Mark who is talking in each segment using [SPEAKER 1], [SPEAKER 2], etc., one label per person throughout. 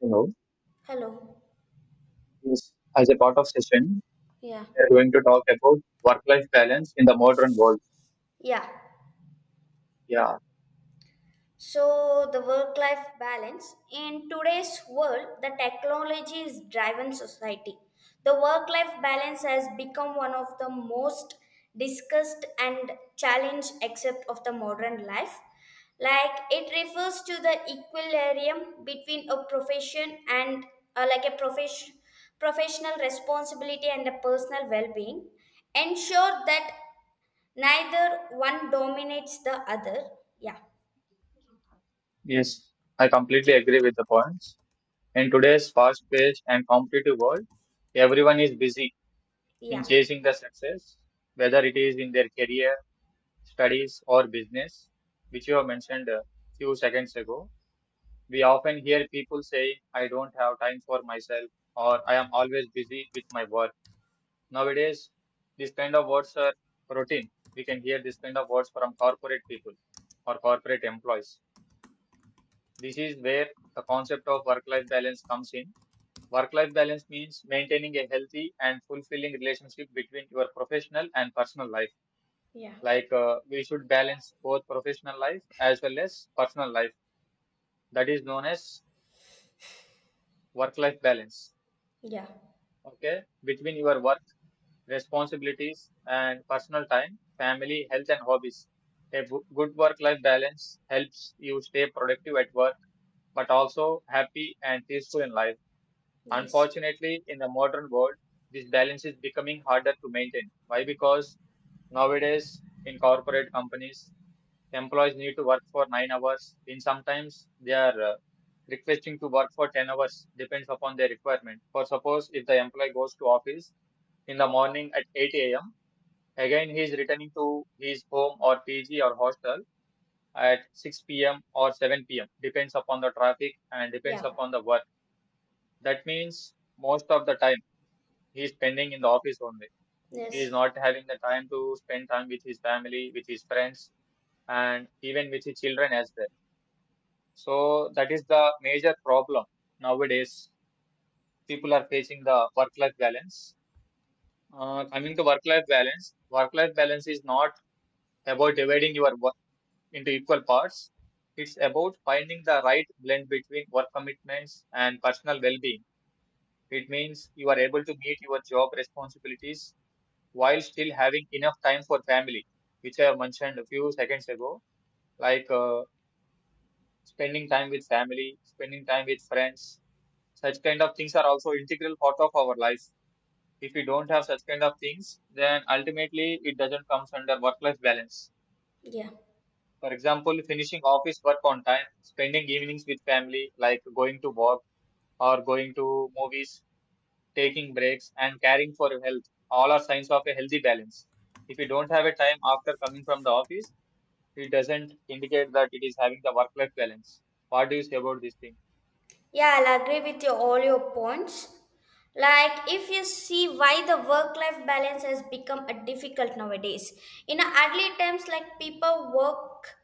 [SPEAKER 1] Hello.
[SPEAKER 2] Hello.
[SPEAKER 1] Yes, as a part of session,
[SPEAKER 2] Yeah.
[SPEAKER 1] we are going to talk about work-life balance in the modern world.
[SPEAKER 2] Yeah.
[SPEAKER 1] Yeah.
[SPEAKER 2] So the work-life balance in today's world, the technology is driven society. The work-life balance has become one of the most discussed and challenged except of the modern life. Like it refers to the equilibrium between a profession and like a profession professional responsibility and a personal well-being ensure that neither one dominates the other. Yeah.
[SPEAKER 1] Yes, I completely agree with the points. In today's fast-paced and competitive world, everyone is busy in
[SPEAKER 2] Yeah.
[SPEAKER 1] chasing the success, whether it is in their career, studies, or business, which you have mentioned a few seconds ago. We often hear people say, "I don't have time for myself," or "I am always busy with my work." Nowadays, this kind of words are routine. We can hear this kind of words from corporate people or corporate employees. This is where the concept of work life balance comes in. Work life balance means maintaining a healthy and fulfilling relationship between your professional and personal life.
[SPEAKER 2] Yeah.
[SPEAKER 1] We should balance both professional life as well as personal life. That is known as work life balance.
[SPEAKER 2] Yeah.
[SPEAKER 1] Okay, between your work responsibilities and personal time, family, health, and hobbies. Good work life balance helps you stay productive at work, but also happy and peaceful in life.
[SPEAKER 2] Yes.
[SPEAKER 1] Unfortunately, in the modern world, this balance is becoming harder to maintain. Why? Because nowadays, in corporate companies, employees need to work for 9 hours, and sometimes they are requesting to work for 10 hours, depends upon their requirement. For suppose, if the employee goes to office in the morning at 8 a.m., again, he is returning to his home or PG or hostel at 6 p.m. or 7 p.m. Depends upon the traffic and depends
[SPEAKER 2] Yeah.
[SPEAKER 1] upon the work. That means most of the time he is spending in the office only. He is
[SPEAKER 2] Yes.
[SPEAKER 1] not having the time to spend time with his family, with his friends, and even with his children as well. So that is the major problem nowadays. People are facing the work-life balance. Coming to work-life balance is not about dividing your into equal parts. It's about finding the right blend between work commitments and personal well being. It means you are able to meet your job responsibilities while still having enough time for family, which I have mentioned a few seconds ago, like spending time with family, spending time with friends. Such kind of things are also integral part of our life. If we don't have such kind of things, then ultimately it doesn't comes under work life balance.
[SPEAKER 2] Yeah.
[SPEAKER 1] For example, finishing office work on time, spending evenings with family, like going to walk or going to movies, taking breaks, and caring for your health, all are signs of a healthy balance. If you don't have a time after coming from the office, it doesn't indicate that it is having the work life balance. What do you say about this thing?
[SPEAKER 2] Yeah, I'll agree with you all your points. Like if you see why the work life balance has become a difficult nowadays, in early times like people work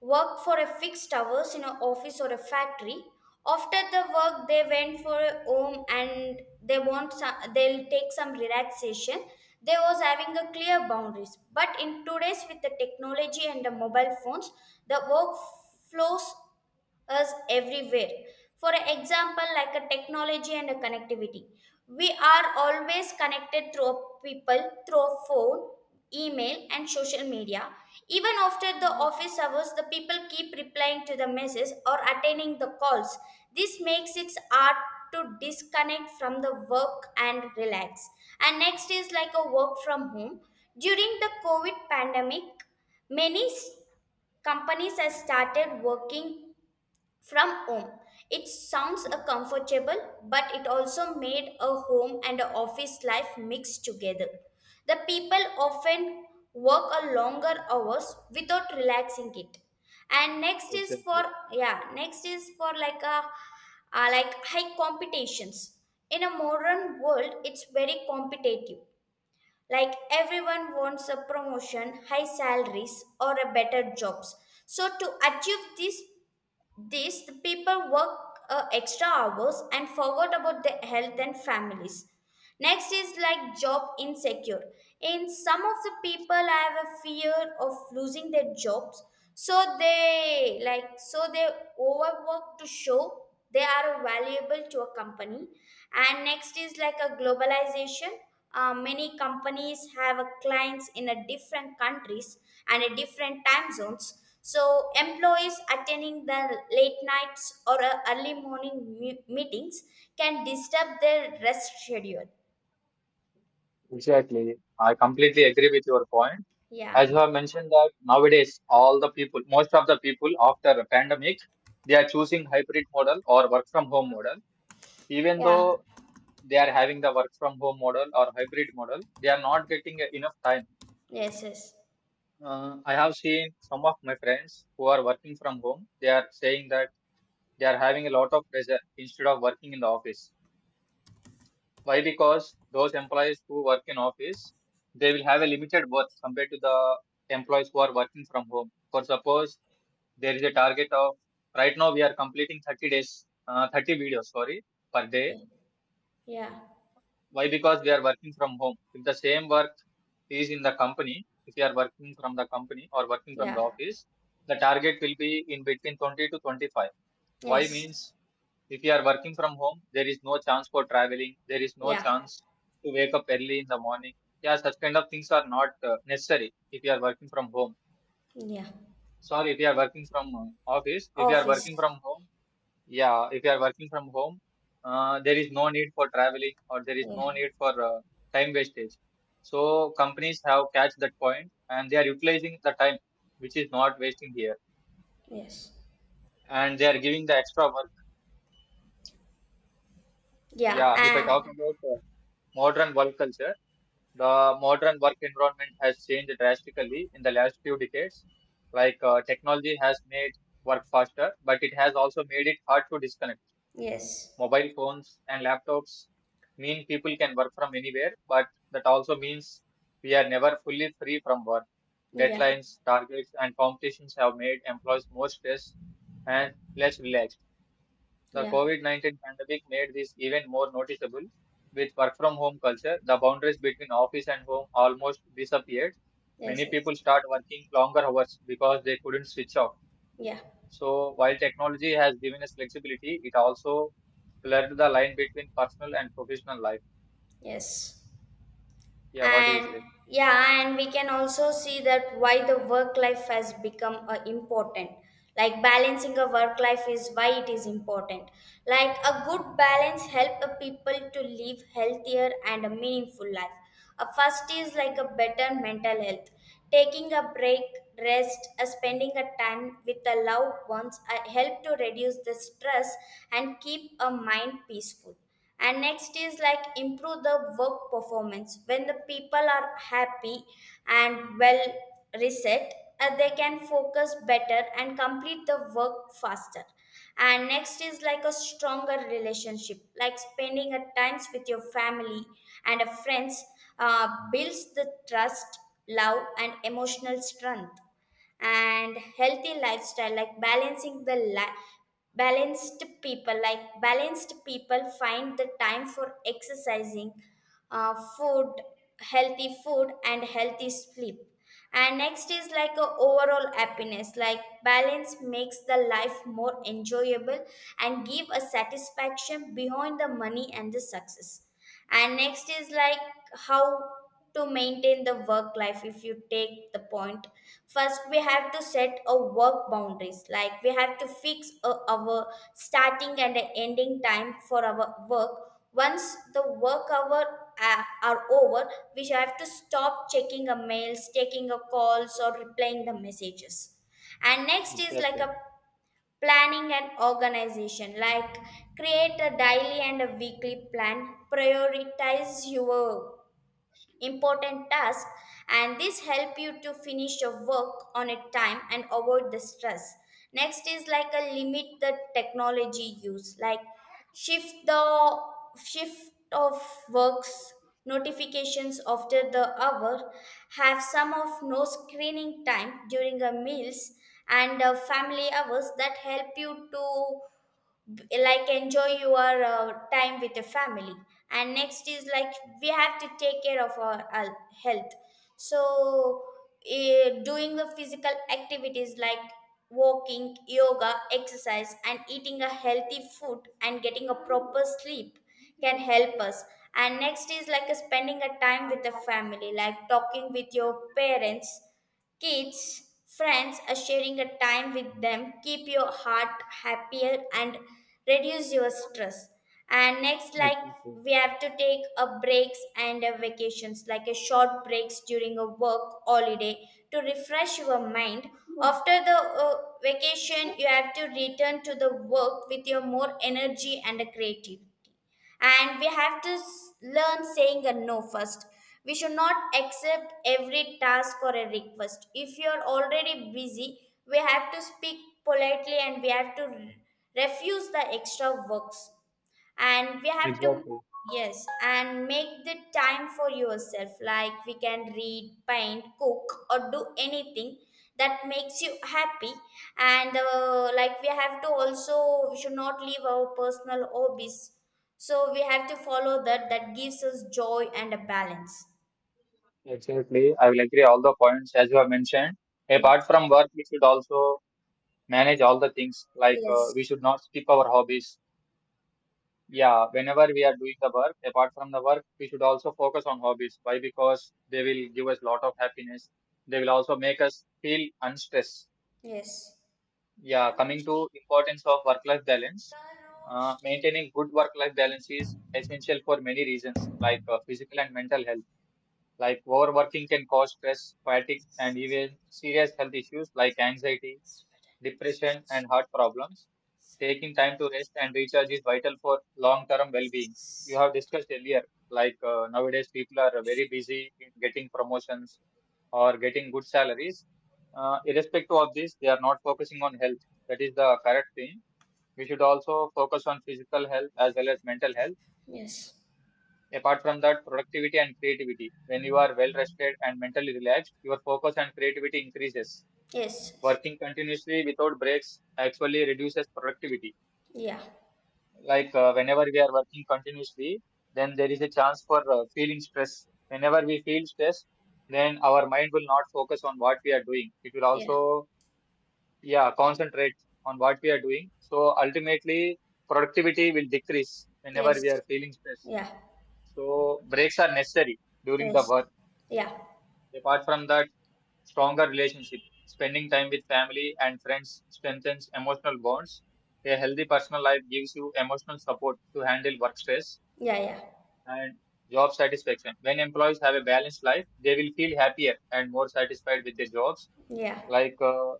[SPEAKER 2] worked for a fixed hours in an office or a factory. After the work, they went for a home and they want some, they'll take some relaxation. They was having a clear boundaries. But in today's with the technology and the mobile phones, the work flows us everywhere. For example, like a technology and a connectivity. We are always connected through people, through phone, email, and social media. Even after the office hours, the people keep replying to the messages or attending the calls. This makes it hard to disconnect from the work and relax. And next is like a work from home. During the COVID pandemic, many companies have started working from home. It sounds a
[SPEAKER 1] Yeah,
[SPEAKER 2] comfortable, but it also made a home and a office life mixed together. The people often work a longer hours without relaxing it. And next is for
[SPEAKER 1] exactly.
[SPEAKER 2] yeah, next is for like a like high competitions. In a modern world, it's very competitive. Like everyone wants a promotion, high salaries, or a better jobs. So to achieve this the people work extra hours and forgot about their health and families. Next is like job insecure. In some of the people I have a fear of losing their jobs, so they like so they overwork to show they are valuable to a company. And next is like a globalization. Many companies have a clients in a different countries and a different time zones, so employees attending the late nights or early morning meetings can disturb their rest schedule.
[SPEAKER 1] Exactly, I completely agree with your point.
[SPEAKER 2] Yeah.
[SPEAKER 1] As you have mentioned that nowadays all the people, most of the people after the pandemic, they are choosing hybrid model or work from home model, even
[SPEAKER 2] Yeah.
[SPEAKER 1] though they are having the work from home model or hybrid model, they are not getting enough time.
[SPEAKER 2] Yes. Yes.
[SPEAKER 1] I have seen some of my friends who are working from home, they are saying that they are having a lot of pressure instead of working in the office. Why? Because those employees who work in office, they will have a limited work compared to the employees who are working from home. For suppose there is a target of right now we are completing 30 days, 30 videos, sorry, per day.
[SPEAKER 2] Yeah. Yeah,
[SPEAKER 1] Why? Because they are working from home. If the same work is in the company, if you are working from the company or working from the
[SPEAKER 2] yeah.
[SPEAKER 1] office, the target will be in between 20 to 25. Why
[SPEAKER 2] Yes.
[SPEAKER 1] means, if you are working from home, there is no chance for traveling. There is no
[SPEAKER 2] Yeah.
[SPEAKER 1] chance to wake up early in the morning. Yeah, such kind of things are not necessary if you are working from home.
[SPEAKER 2] Yeah.
[SPEAKER 1] Sorry, if you are working from office, if you are
[SPEAKER 2] Office.
[SPEAKER 1] working from home, yeah, if you are working from home, there is no need for traveling or there is
[SPEAKER 2] Yeah.
[SPEAKER 1] no need for time wastage. So companies have catch that point and they are utilizing the time which is not wasting here
[SPEAKER 2] Yes.
[SPEAKER 1] and they are giving the extra work.
[SPEAKER 2] Yeah,
[SPEAKER 1] Yeah, if I
[SPEAKER 2] and
[SPEAKER 1] talk about modern work culture, the modern work environment has changed drastically in the last few decades. Like technology has made work faster, but it has also made it hard to disconnect.
[SPEAKER 2] yes.
[SPEAKER 1] Mobile phones and laptops mean people can work from anywhere, but that also means we are never fully free from work.
[SPEAKER 2] Yeah.
[SPEAKER 1] Deadlines, targets, and competitions have made employees more stressed and less relaxed. The
[SPEAKER 2] Yeah.
[SPEAKER 1] COVID 19 pandemic made this even more noticeable. With work from home culture, the boundaries between office and home almost disappeared.
[SPEAKER 2] Yes.
[SPEAKER 1] Many
[SPEAKER 2] Yes.
[SPEAKER 1] people start working longer hours because they couldn't switch off.
[SPEAKER 2] Yeah.
[SPEAKER 1] So while technology has given us flexibility, it also blurred the line between personal and professional life.
[SPEAKER 2] Yes.
[SPEAKER 1] Yeah, what do you
[SPEAKER 2] And
[SPEAKER 1] say?
[SPEAKER 2] yeah, and we can also see that why the work life has become important. Like balancing a work life is why it is important, like a good balance help a people to live healthier and a meaningful life. A first is like
[SPEAKER 1] Mm.
[SPEAKER 2] a better mental health, taking a break rest, spending a time with the loved ones, help to reduce the stress and keep a mind peaceful. And next is like improve the work performance. When the people are happy and well reset, they can focus better and complete the work faster. And next is like a stronger relationship, like spending at times with your family and a friends, builds the trust, love and emotional strength. And healthy lifestyle, like balanced people, like balanced people find the time for exercising, food, healthy food and healthy sleep. And next is like a overall happiness, like balance makes the life more enjoyable and give a satisfaction beyond the money and the success. And next is like how to maintain the work life. If you take the point, first we have to set a work boundaries, like we have to fix a, our starting and a ending time for our work. Once the work hour are over, we should have to stop checking a mails, taking a calls or replying the messages. And next is like
[SPEAKER 1] Exactly.
[SPEAKER 2] a planning and organization, like create a daily and a weekly plan, prioritize your important tasks, and this help you to finish your work on a time and avoid the stress. Next is like a limit the technology use, like shift the shift of works notifications after the hour. Have some of no screening time during a meals and family hours that help you to like enjoy your time with the family. And next is like we have to take care of our health. So doing the physical activities like walking, yoga, exercise and eating a healthy food and getting a proper sleep can help us. And next is like spending a time with the family, like talking with your parents, kids, friends, are sharing a time with them keep your heart happier and reduce your stress. And next, like
[SPEAKER 1] Exactly.
[SPEAKER 2] we have to take a breaks and a vacations, like a short breaks during a work holiday to refresh your mind. After the vacation, you have to return to the work with your more energy and a creative. And we have to learn saying a no first. We should not accept every task or a request. If you are already busy, we have to speak politely and we have to refuse the extra works. And we have to
[SPEAKER 1] Exactly.
[SPEAKER 2] yes and make the time for yourself, like we can read, paint, cook or do anything that makes you happy. And like we have to also we should not leave our personal hobbies, so we have to follow that that gives us joy and a balance.
[SPEAKER 1] Exactly, I will agree all the points as you have mentioned. Apart
[SPEAKER 2] Yes.
[SPEAKER 1] from work, we should also manage all the things, like we
[SPEAKER 2] Yes.
[SPEAKER 1] should not skip our hobbies. Yeah, whenever we are doing the work, apart from the work, we should also focus on hobbies. Why? Because they will give us lot of happiness. They will also make us feel unstressed.
[SPEAKER 2] Yes.
[SPEAKER 1] Yeah, coming to importance of work-life balance, maintaining good work-life balance is essential for many reasons, like physical and mental health. Like overworking can cause stress, fatigue, and even serious health issues like anxiety, depression, and heart problems. Taking time to rest and recharge is vital for long-term well-being. You have discussed earlier, like nowadays people are very busy in getting promotions, or getting good salaries. Irrespective of this, they are not focusing on health. That is the correct thing. We should also focus on physical health as well as mental health.
[SPEAKER 2] Yes. Yes.
[SPEAKER 1] Apart from that, productivity and creativity. When you are well rested and mentally relaxed, your focus and creativity increases.
[SPEAKER 2] Yes.
[SPEAKER 1] Working continuously without breaks actually reduces productivity.
[SPEAKER 2] Yeah.
[SPEAKER 1] Like whenever we are working continuously, then there is a chance for feeling stress. Whenever we feel stress, then our mind will not focus on what we are doing. It will
[SPEAKER 2] Yeah.
[SPEAKER 1] also, yeah, concentrate on what we are doing, so ultimately productivity will decrease whenever we are
[SPEAKER 2] Yes.
[SPEAKER 1] feeling stress,
[SPEAKER 2] Yeah.
[SPEAKER 1] so breaks are necessary during the
[SPEAKER 2] Yes.
[SPEAKER 1] work.
[SPEAKER 2] Yeah.
[SPEAKER 1] Apart from that, stronger relationship, spending time with family and friends strengthens emotional bonds. A healthy personal life gives you emotional support to handle work stress.
[SPEAKER 2] Yeah. Yeah.
[SPEAKER 1] And job satisfaction, when employees have a balanced life, they will feel happier and more satisfied with their jobs.
[SPEAKER 2] Yeah.
[SPEAKER 1] Like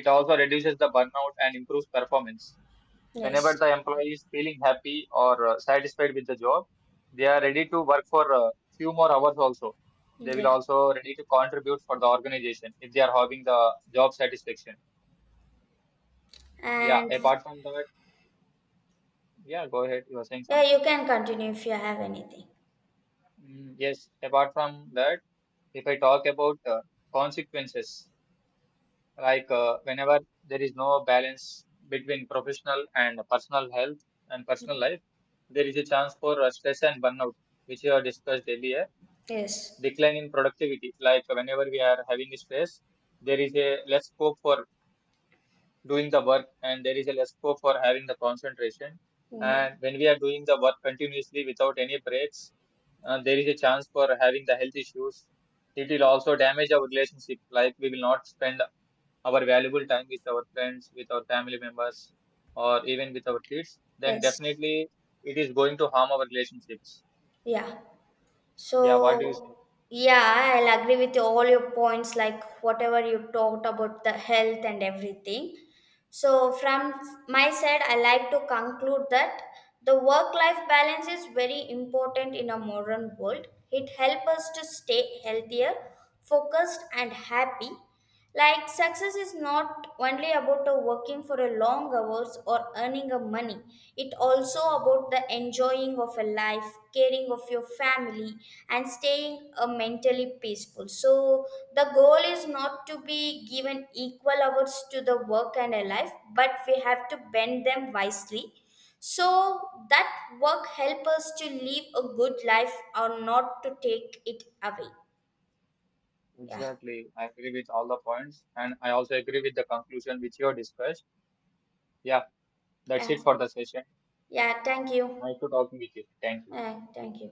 [SPEAKER 1] it also reduces the burnout and improves performance. Whenever
[SPEAKER 2] Yes.
[SPEAKER 1] the employee is feeling happy or satisfied with the job, they are ready to work for a few more hours also. They will
[SPEAKER 2] Yeah.
[SPEAKER 1] also ready to contribute for the organization if they are having the job satisfaction. Yeah,
[SPEAKER 2] And
[SPEAKER 1] apart from that, yeah, go ahead, you were saying
[SPEAKER 2] yeah,
[SPEAKER 1] something.
[SPEAKER 2] you can continue if you have anything.
[SPEAKER 1] Mm, yes, apart from that, if I talk about consequences, like whenever there is no balance between professional and personal health and personal
[SPEAKER 2] Yeah.
[SPEAKER 1] life, there is a chance for stress and burnout, which you have discussed earlier.
[SPEAKER 2] Yes.
[SPEAKER 1] Decline in productivity, like whenever we are having a stress, there is a less scope for doing the work and there is a less scope for having the concentration.
[SPEAKER 2] Yeah.
[SPEAKER 1] And when we are doing the work continuously without any breaks, there is a chance for having the health issues. It will also damage our relationship, like we will not spend our valuable time with our friends, with our family members, or even with our kids, then
[SPEAKER 2] Yes.
[SPEAKER 1] definitely it is going to harm our relationships.
[SPEAKER 2] Yeah.
[SPEAKER 1] Yeah, what do you say?
[SPEAKER 2] So, yeah, I'll agree with all your points, like whatever you talked about the health and everything. So, from my side, I like to conclude that the work life balance is very important in a modern world. It helps us to stay healthier, focused, and happy. Like, success is not only about working for a long hours or earning a money, it also about the enjoying of a life, caring of your family and staying mentally peaceful. So the goal is not to be given equal hours to the work and a life, but we have to bend them wisely so that work help us to live a good life or not to take it away. Yeah.
[SPEAKER 1] Exactly. I agree with all the points. And I also agree with the conclusion which you have discussed. Yeah, that's
[SPEAKER 2] Yeah,
[SPEAKER 1] it for the session.
[SPEAKER 2] yeah, thank you.
[SPEAKER 1] Nice to talking with you. Thank you.
[SPEAKER 2] Yeah, thank you.